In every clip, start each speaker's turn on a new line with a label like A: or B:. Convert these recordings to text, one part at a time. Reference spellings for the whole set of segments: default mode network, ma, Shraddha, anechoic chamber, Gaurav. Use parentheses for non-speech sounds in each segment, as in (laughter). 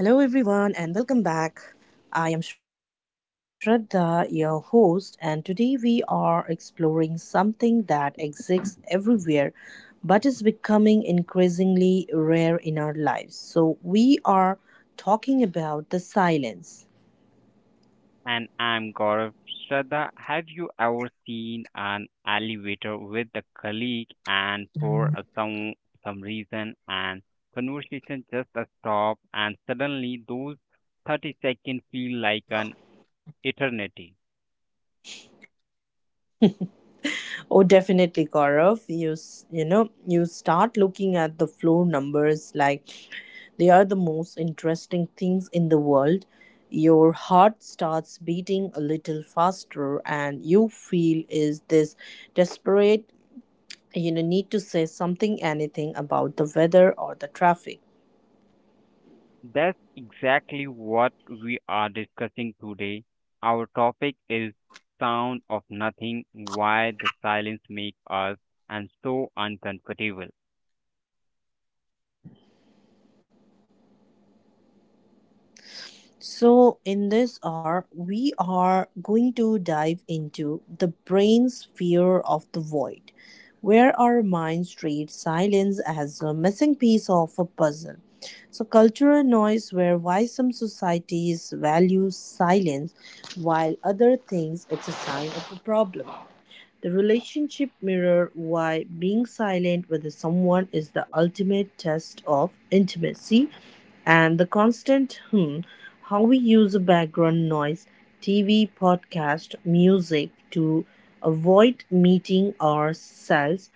A: Hello, everyone, and welcome back. I am Shraddha, your host, and today we are exploring something that exists everywhere but is becoming increasingly rare in our lives. So, we are talking about the silence.
B: And I'm Gaurav. Shraddha, have you ever seen an elevator with a colleague and for a some reason and conversation just a stop, and suddenly those 30 seconds feel like an eternity?
A: Oh, definitely, Gaurav. You s- you know you start looking at the floor numbers like they are the most interesting things in the world. Your heart starts beating a little faster, and you feel is this desperate need to say something, anything about the weather or the traffic.
B: That's exactly what we are discussing today. Our topic is sound of nothing, why the silence makes us and so uncomfortable.
A: So, in this hour, we are going to dive into the brain sphere of the void, where our minds treat silence as a missing piece of a puzzle. So, cultural noise, where why some societies value silence while other thinks it's a sign of a problem. The relationship mirror why being silent with someone is the ultimate test of intimacy and the constant hmm, how we use a background noise, TV, podcast, music to avoid meeting ourselves.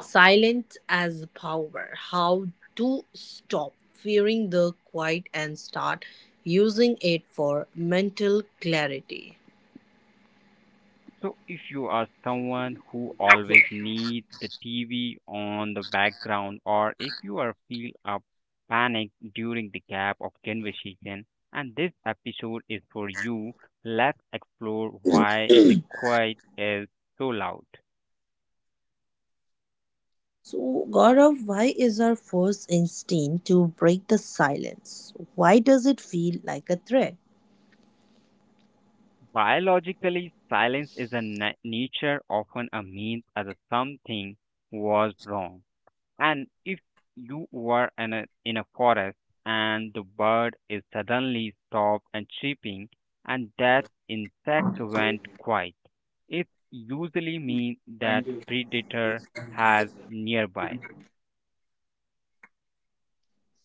A: Silence as power, how to stop fearing the quiet and start using it for mental clarity.
B: So, if you are someone who always needs the TV on the background, or if you are feel a panic during the gap of conversation, and this episode is for you, let's explore why the quiet is so loud.
A: So, Gaurav, why is our first instinct to break the silence? Why does it feel like a threat?
B: Biologically, silence is nature often a means as a something was wrong. And if you were in a forest and the bird is suddenly stopped and chirping and that insect went quiet, it usually means that predator has nearby.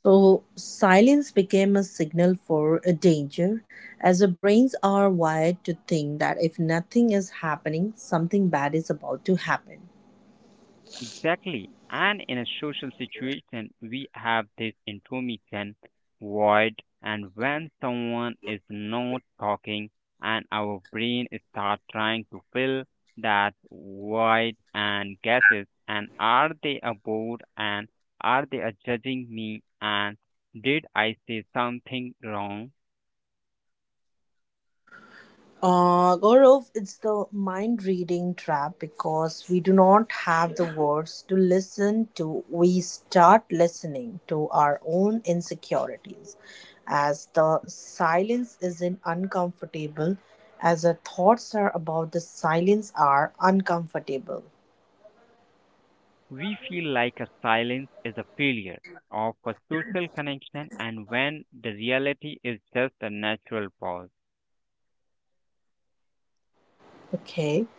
A: So, silence became a signal for a danger, as our brains are wired to think that if nothing is happening, something bad is about to happen.
B: Exactly. And in a social situation, we have this intermittent void, and when someone is not talking, and our brain start trying to fill that void and guesses, and are they bored, and are they are judging me, and did I say something wrong?
A: Gaurav, it's the mind reading trap because we do not have the words to listen to. We start listening to our own insecurities. As the silence isn't uncomfortable, as our thoughts are about the silence are uncomfortable.
B: We feel like a silence is a failure of a social connection, and when the reality is just a natural pause.
A: Okay,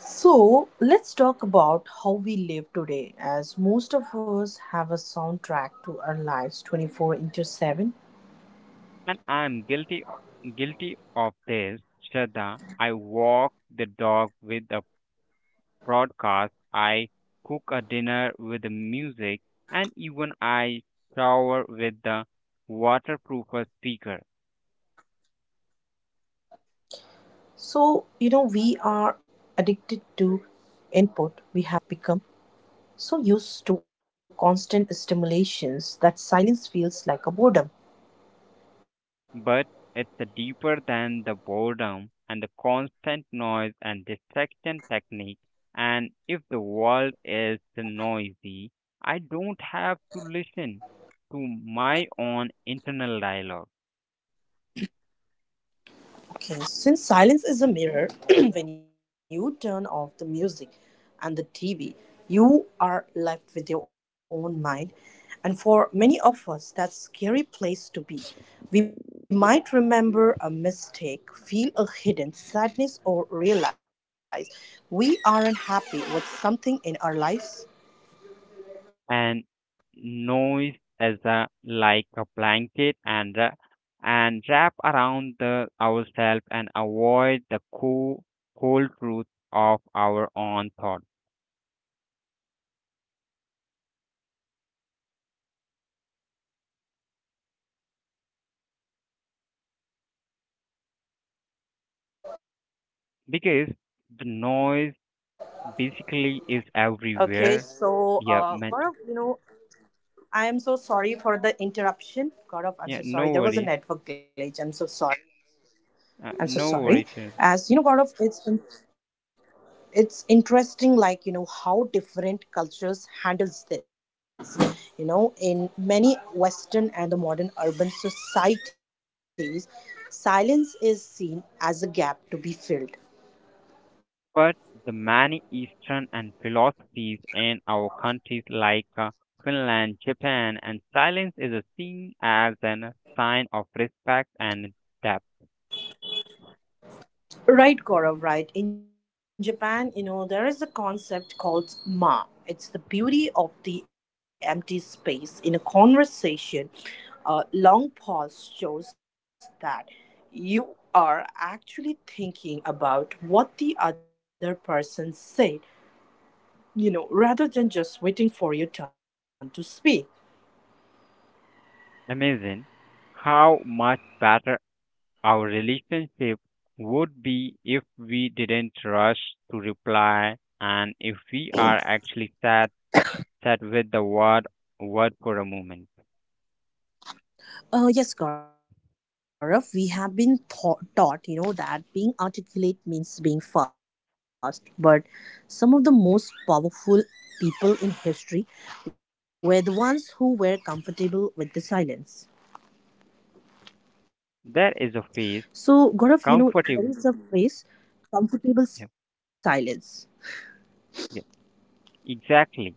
A: so let's talk about how we live today, as most of us have a soundtrack to our lives 24 into 7.
B: And I'm guilty of this, Shraddha. I walk the dog with a broadcast. I cook a dinner with the music, and even I shower with the waterproof speaker.
A: So, you know, we are addicted to input. We have become so used to constant stimulations that silence feels like a boredom.
B: But it's the deeper than the boredom and the constant noise and distraction technique. And if the world is noisy, I don't have to listen to my own internal dialogue.
A: Okay, since silence is a mirror, (clears throat) when you turn off the music and the TV, you are left with your own mind. And for many of us, that's scary place to be. We might remember a mistake, feel a hidden sadness, or realize we aren't happy with something in our lives.
B: And noise as a like a blanket and wrap around the ourselves and avoid the cold truth of our own thought, because the noise basically
A: Okay,
B: is
A: so
B: everywhere.
A: Gaurav,
B: Yeah,
A: you
B: meant.
A: know, I am so sorry for the interruption. Gaurav, I'm so
B: Yeah,
A: sorry.
B: no
A: There was a
B: worries.
A: network glitch. I'm so sorry.
B: uh,
A: I'm so
B: no
A: sorry.
B: worries.
A: As you know, Gaurav, it's interesting, like you know how different cultures handles this. You know, in many Western and the modern urban societies, silence is seen as a gap to be filled.
B: But the many Eastern and philosophies in our countries like Finland, Japan, and silence is seen as a sign of respect and depth.
A: Right, Gaurav, right. In Japan, you know, there is a concept called ma. It's the beauty of the empty space in a conversation. A long pause shows that you are actually thinking about what the other person said, you know, rather than just waiting for your turn to speak.
B: Amazing how much better our relationship would be if we didn't rush to reply, and if we are actually sat with the word for a moment.
A: Yes, Gaurav, we have been taught, that being articulate means being fast. But some of the most powerful people in history were the ones who were comfortable with the silence.
B: There is a phase
A: So, Gaurav, you know,
B: comfortable.
A: there is a phrase
B: Yeah,
A: comfortable silence.
B: yeah, exactly,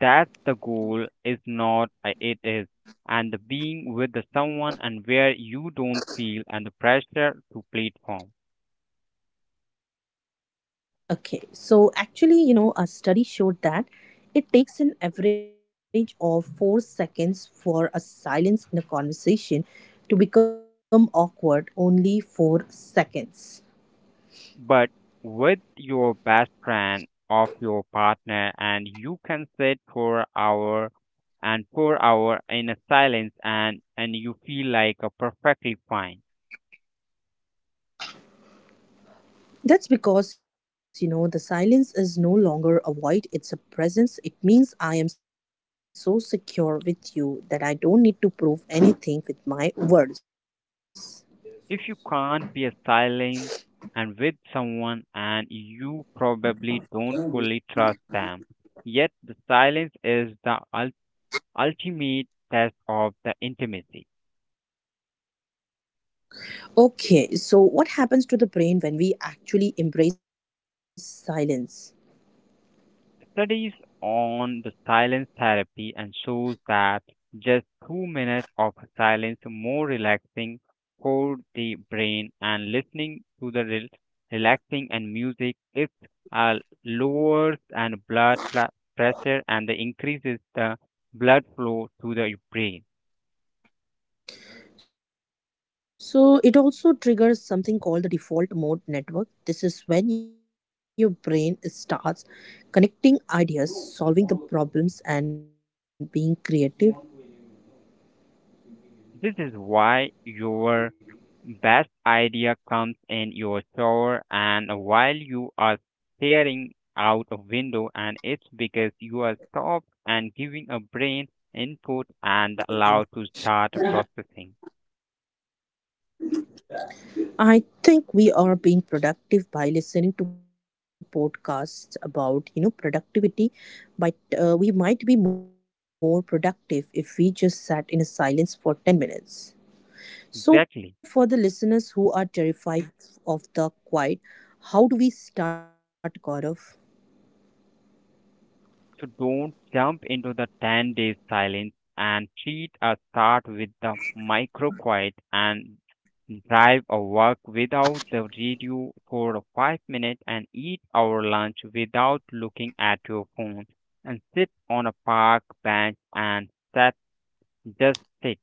B: that the goal is not it is and the being with the someone and where you don't feel and the pressure to platform,
A: Okay, so actually, you know, a study showed that it takes an average of 4 seconds for a silence in a conversation to become awkward, only 4 seconds.
B: but with your best friend of your partner, and you can sit for hour in a silence, and you feel like a perfectly fine.
A: That's because, you know, the silence is no longer a void, it's a presence. It means I am so secure with you that I don't need to prove anything with my words.
B: If you can't be a silent and with someone, and you probably don't fully trust them yet, the silence is the ultimate test of the intimacy.
A: Okay, so what happens to the brain when we actually embrace silence?
B: Studies on the silence therapy and shows that just 2 minutes of silence more relaxing for the brain, and listening to the relaxing and music it uh, lowers and pressure, and increases the blood flow to the brain.
A: So it also triggers something called the default mode network. This is when your brain starts connecting ideas, solving the problems, and being creative.
B: This is why your best idea comes in your shower, and while you are staring out a window, and it's because you are stopped and giving a brain input and allowed to start processing.
A: I think we are being productive by listening to podcasts about productivity, but we might be more productive if we just sat in a silence for 10 minutes. So,
B: Exactly.
A: for the listeners who are terrified of the quiet, how do we start, Gaurav?
B: So don't jump into the 10 days silence and treat a start with the micro quiet, and drive or walk without the radio for 5 minutes, and eat our lunch without looking at your phone, and sit on a park bench and set just sit.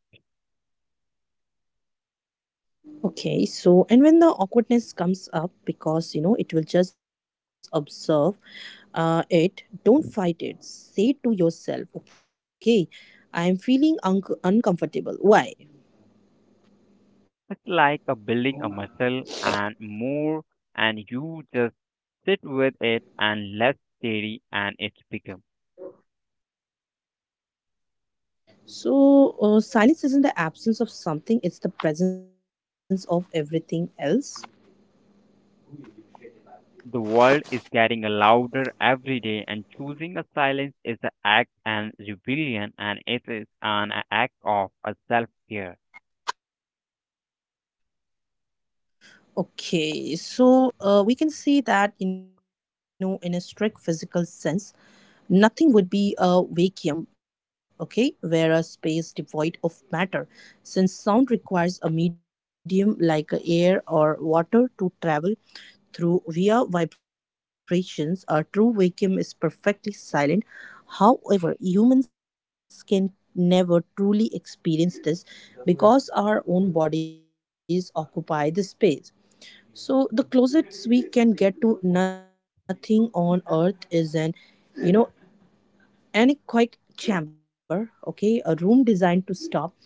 A: Okay, so and when the awkwardness comes up, because you know it will just observe it, don't fight it. Say to yourself, okay, I am feeling uncomfortable. Why?
B: It's like a building a muscle and more, and you just sit with it, and less theory and it's bigger.
A: So, silence isn't the absence of something, it's the presence of everything else.
B: The world is getting louder every day, and choosing a silence is an act and rebellion, and it is an act of a self-care.
A: Okay, so we can see that, you know, in a strict physical sense, nothing would be a vacuum, okay, where a space devoid of matter, since sound requires a medium like air or water to travel through via vibrations, a true vacuum is perfectly silent. However, humans can never truly experience this because our own bodies occupy the space. So the closest we can get to nothing on earth is an you know anechoic chamber, okay, a room designed to stop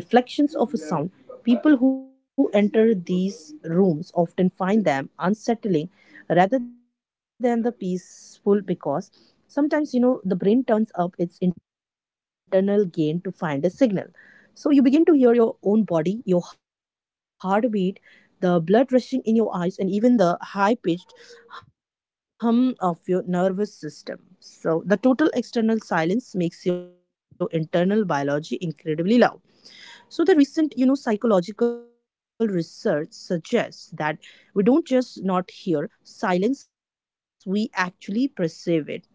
A: reflections of a sound. People who enter these rooms often find them unsettling rather than the peaceful because sometimes the brain turns up its internal gain to find a signal. So you begin to hear your own body, your heartbeat, the blood rushing in your eyes, and even the high pitched hum of your nervous system. So, the total external silence makes your internal biology incredibly loud. So, the recent, psychological research suggests that we don't just not hear silence, we actually perceive it.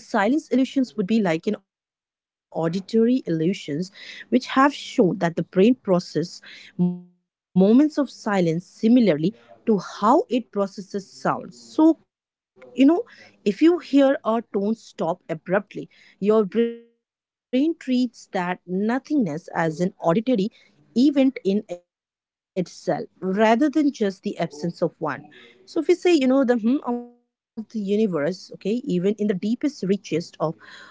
A: So the silence illusions would be like an auditory illusions which have shown that the brain process moments of silence similarly to how it processes sounds. So if you hear a tone stop abruptly your brain treats that nothingness as an auditory event in itself rather than just the absence of one. So, if we say, the hmm of the universe, okay, even in the deepest reaches of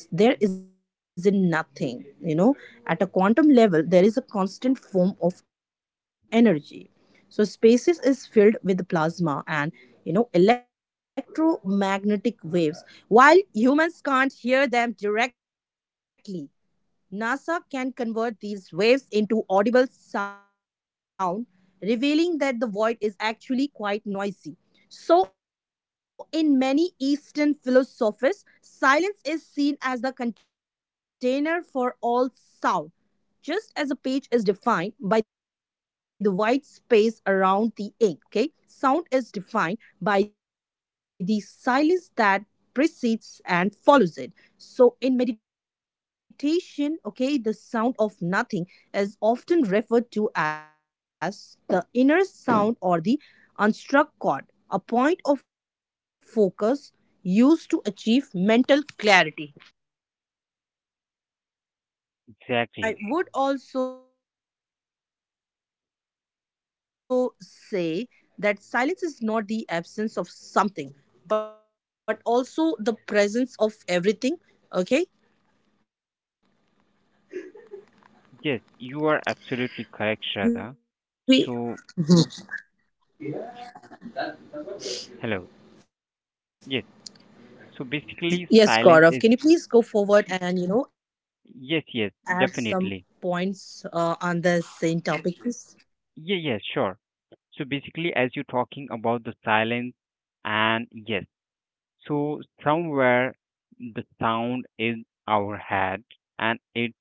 A: space, there is nothing, at a quantum level, there is a constant form of energy. So, spaces is filled with plasma and electromagnetic waves while humans can't hear them directly. NASA can convert these waves into audible sound, revealing that the void is actually quite noisy. So, in many Eastern philosophies, silence is seen as the container for all sound, just as a page is defined by the white space around the ink, okay? Sound is defined by the silence that precedes and follows it. So, in meditation, okay, the sound of nothing is often referred to as the inner sound or the unstruck chord, a point of focus used to achieve mental clarity.
B: Exactly.
A: And I would also say that silence is not the absence of something, but also the presence of everything. Okay?
B: Yes, you are absolutely correct, Shraddha.
A: We
B: So, hello. Yes. So
A: Yes,
B: basically,
A: Gaurav. Can
B: silence
A: you
B: is
A: please go forward and add some
B: yes, yes,
A: points
B: definitely.
A: on the same topic, please?
B: Yeah, yeah, sure. So basically, as you're talking about the silence, and yes, so somewhere the sound in our head, and it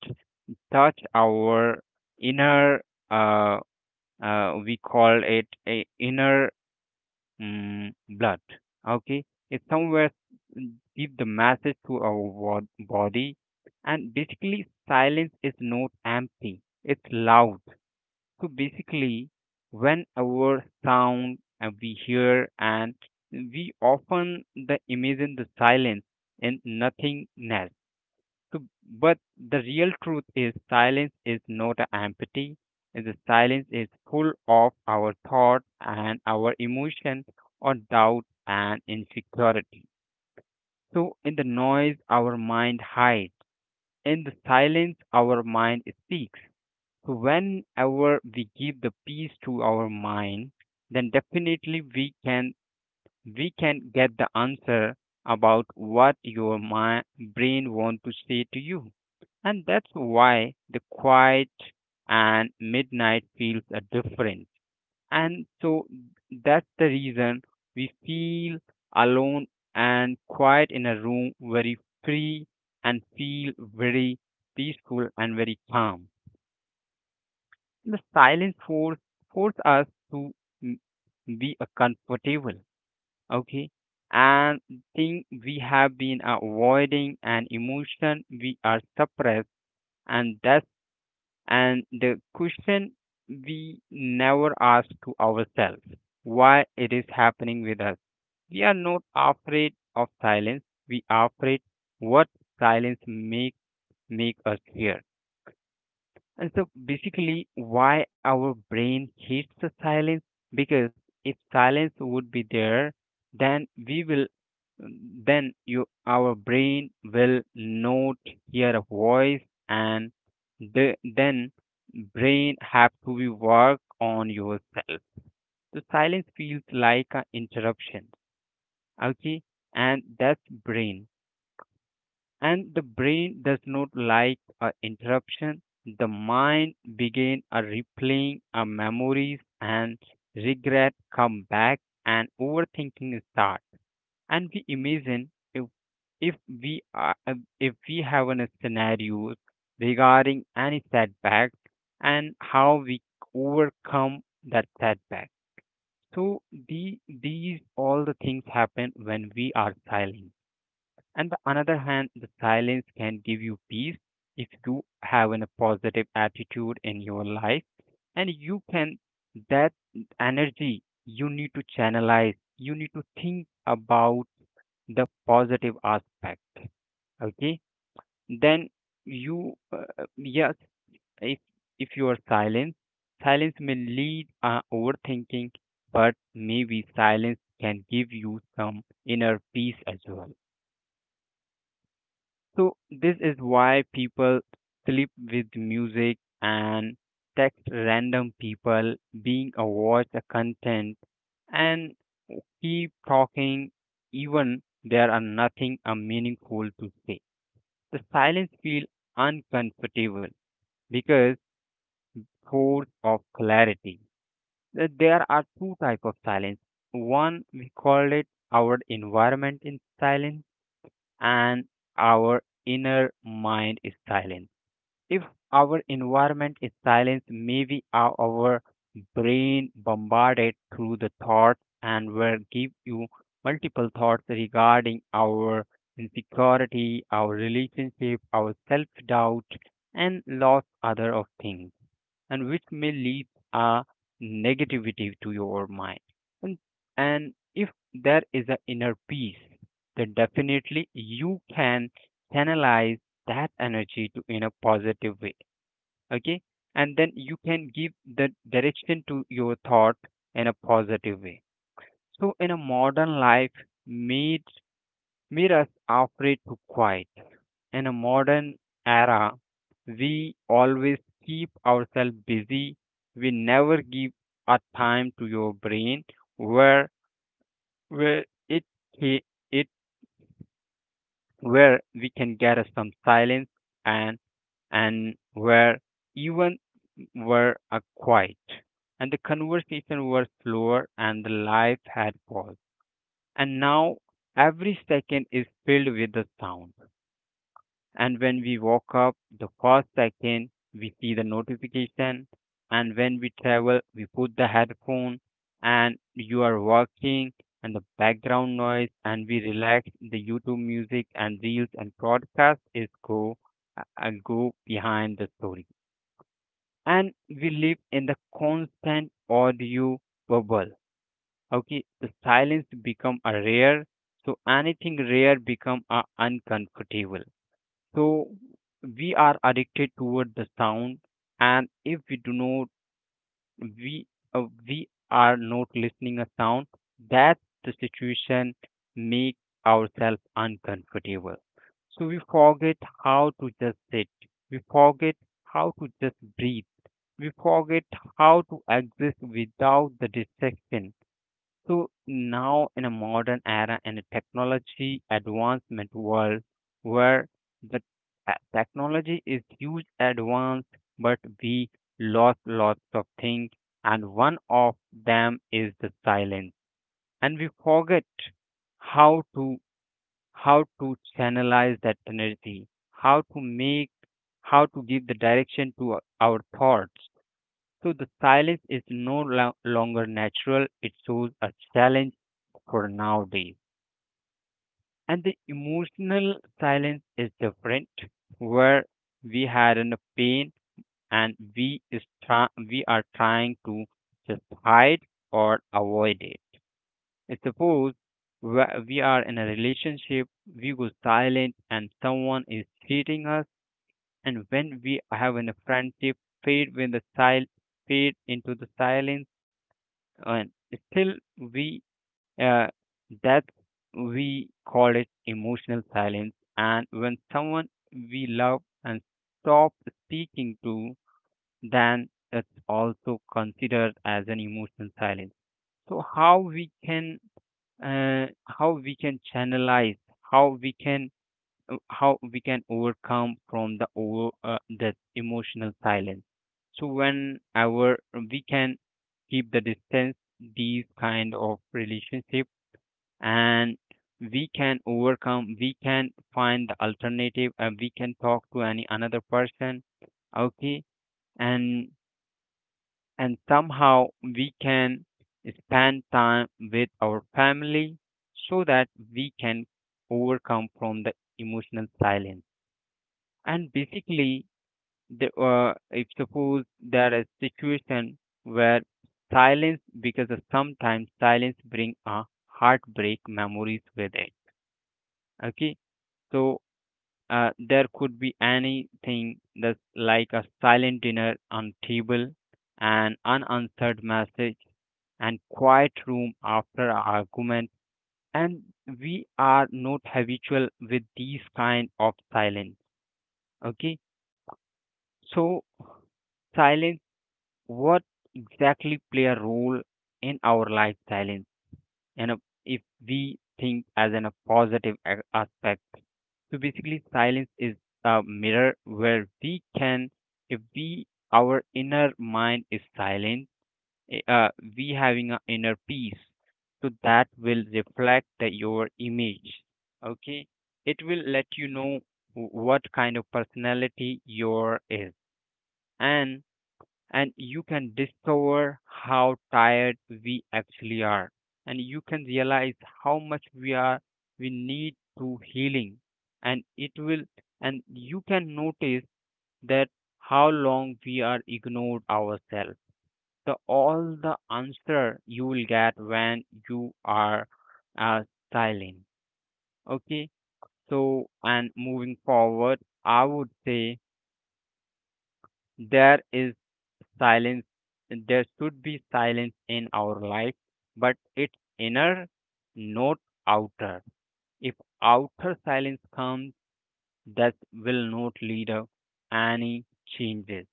B: touch our inner uh, we call it a inner mm blood, okay, it somewhere mm, give the message to our body, and basically silence is not empty, it's loud. So basically when our sound we hear, and we often the imagine the silence and nothingness, so, but the real truth is silence is not a empty. The silence is full of our thought and our emotion or doubt and insecurity. So in the noise, our mind hides. In the silence, our mind speaks. So whenever we give the peace to our mind, then definitely we can get the answer about what your brain want to say to you, and that's why the quiet and midnight feels different, and so that's the reason we feel alone and quiet in a room very free, and feel very peaceful and very calm. The silence force us to mm, be a comfortable, okay, and thing we have been avoiding an emotion we are suppressed, and that's and the question we never ask to ourselves why it is happening with us. We are not afraid of silence, we are afraid what silence make us fear. And so basically, why our brain hates the silence? Because if silence would be there, then we will, then you, our brain will not hear a voice, and then brain have to be work on yourself. So silence feels like an interruption. Okay, and that's brain and the brain does not like a interruption. The mind begin a replaying a memories, and regret come back, and overthinking start. And we imagine if we are if we have a scenario regarding any setback, and how we overcome that setback. So these all the things happen when we are silent. And the another hand, the silence can give you peace if you have a positive attitude in your life, and you can that energy you need to channelize, you need to think about the positive aspect. Okay, then you yes, if if you are silent, silence may lead overthinking, but maybe silence can give you some inner peace as well. So this is why people sleep with music, and text random people being aware the content, and keep talking even there are nothing meaningful to say. The silence feel uncomfortable because force of clarity. There are two type of silence. One we call it our environment in silence, and our inner mind is silent. If our environment is silent, maybe our brain bombarded through the thoughts, and will give you multiple thoughts regarding our insecurity, our relationship, our self doubt, and lots other of things, and which may leave a negativity to your mind. And, and if there is an inner peace, then definitely you can channelize that energy to in a positive way. Okay, and then you can give the direction to your thought in a positive way. So in a modern life, made Mirrors are afraid to quiet. In a modern era, we always keep ourselves busy. We never give a time to your brain where where it ca- it where we can get us some silence, and where even were a quiet, and the conversation were slower, and the life had paused, and now every second is filled with the sound. And when we woke up, the first second we see the notification. And when we travel, we put the headphone, and you are working, and the background noise, and we relax the YouTube music, and reels and podcast is go go behind the story. And we live in the constant audio bubble. Okay, the silence become a rare, so anything rare become a uncomfortable. So we are addicted toward the sound, and if we do not, we we are not listening a sound. That the situation make ourselves uncomfortable. So we forget how to just sit. We forget how to just breathe. We forget how to exist without the distraction. So now in a modern era and a technology advancement world where the technology is huge advance, but we lost lots of things, and one of them is the silence, and we forget how to how to channelize that energy, how to make how to give the direction to our thoughts. So the silence is no longer natural, it shows a challenge for nowadays. And the emotional silence is different, where we had a pain, and we are trying to just hide or avoid it. Suppose we are in a relationship, we go silent, and someone is cheating us. And when we have in a friendship, fade when the sil- fade into the silence, and still we uh, that we call it emotional silence, and when someone we love and stop speaking to, then it's also considered as an emotional silence. So how we can channelize, how we can how we can overcome from the over that emotional silence. So whenever we can keep the distance, these kind of relationship, and we can overcome. We can find the alternative, and we can talk to any another person. Okay, and and somehow we can spend time with our family so that we can overcome from the emotional silence. And basically, if suppose there is situation where silence, because of sometimes silence bring a heartbreak memories with it. Okay, so there could be anything that's like a silent dinner on table, an unanswered message, and quiet room after argument. And we are not habitual with these kind of silence. Okay, so silence what exactly play a role in our lifestyle in and if we think as in a positive aspect. So basically silence is a mirror where we can, if we, our inner mind is silent, eh, uh, we having an inner peace, so that will reflect that your image. Okay, it will let you know what kind of personality your is, and and you can discover how tired we actually are, and you can realize how much we are, we need to healing. And it will, and you can notice that how long we are ignored ourselves. The all the answer you will get when you are uh, silent. Okay, so and moving forward I would say there is silence, there should be silence in our life, but it's inner, not outer. If outer silence comes, that will not lead to any changes.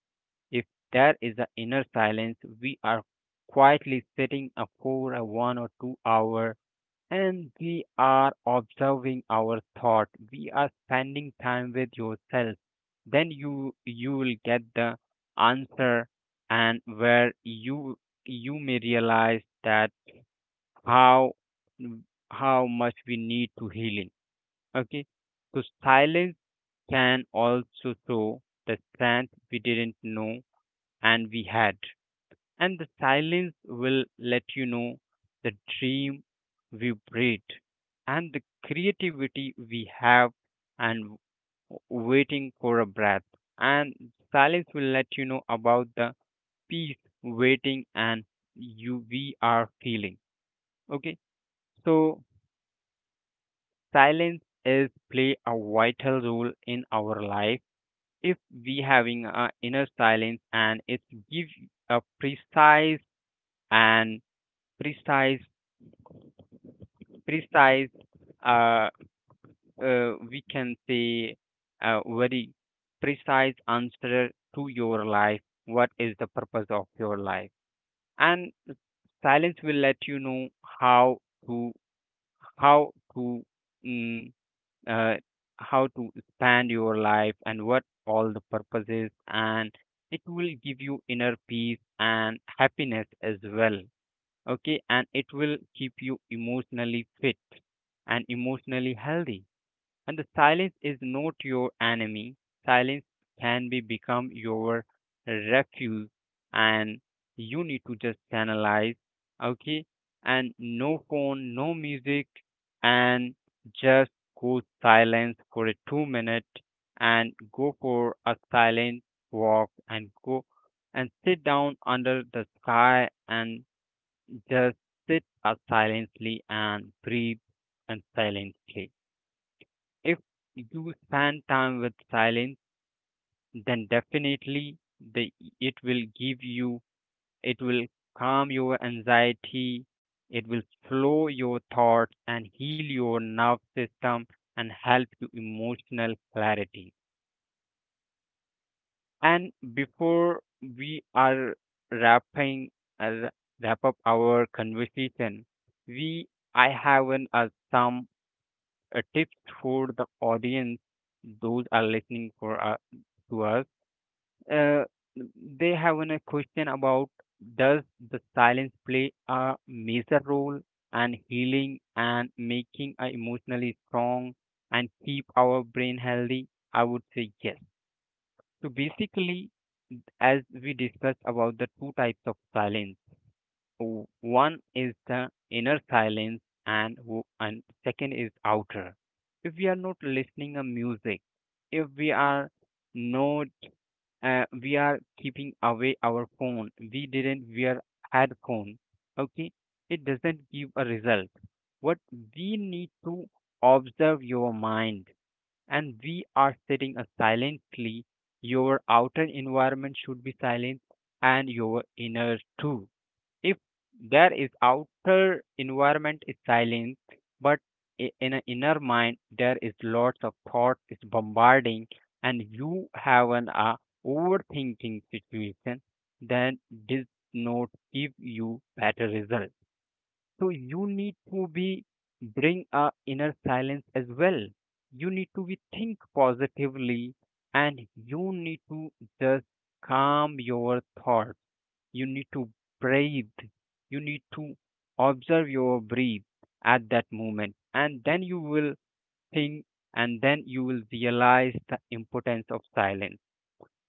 B: If there is an inner silence, we are quietly sitting for a 1 or 2 hour and we are observing our thought, we are spending time with yourself, then you will get the answer. And where you may realize that how how much we need to healing. Okay, so silence can also show the strength we didn't know and we had. And the silence will let you know the dream we breathe and the creativity we have, and waiting for a breath. And silence will let you know about the peace, waiting, and you we are feeling. Okay, so silence is play a vital role in our life if we having a inner silence, and it give a precise and precise, precise, uh, we can say a very precise answer to your life, what is the purpose of your life. And silence will let you know how to, how to mm, uh, how to spend your life and what all the purposes, and it will give you inner peace and happiness as well. Okay, and it will keep you emotionally fit and emotionally healthy. And the silence is not your enemy, silence can be become your refuge, and you need to just analyze. Okay, and no phone, no music, and just go silence for a 2 minute and go for a silent walk, and go and sit down under the sky and just sit up silently and breathe, and silently. If you spend time with silence, then definitely the, it will give you, it will calm your anxiety, it will slow your thoughts and heal your nerve system and help you emotional clarity. And before we are wrapping, uh, wrap up our conversation, we, I have an some tips for the audience, those are listening for to us. Uh, they have a question about, does the silence play a major role and healing and making us emotionally strong and keep our brain healthy? I would say yes. So basically, as we discussed about the two types of silence, One is the inner silence, and and second is outer. If we are not listening a music, if we are not, we are keeping away our phone. We didn't wear headphone. Okay, it doesn't give a result. What we need to observe your mind, and we are sitting a silently. Your outer environment should be silent, and your inner too. If there is outer environment is silent but in an inner mind there is lots of thought is bombarding and you have an overthinking situation, then this note give you better result. So you need to be bring a inner silence as well, you need to be think positively, and you need to just calm your thought, you need to breathe, you need to observe your breath at that moment, and then you will think, and then you will realize the importance of silence.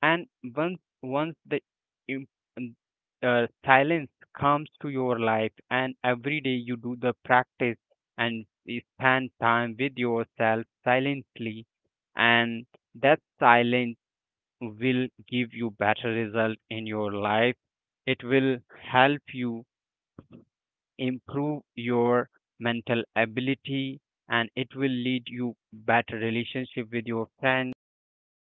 B: And once the im- um, silence comes to your life and every day you do the practice and you spend time with yourself silently, and that silence will give you better result in your life. It will help you improve your mental ability, and it will lead you better relationship with your friend, and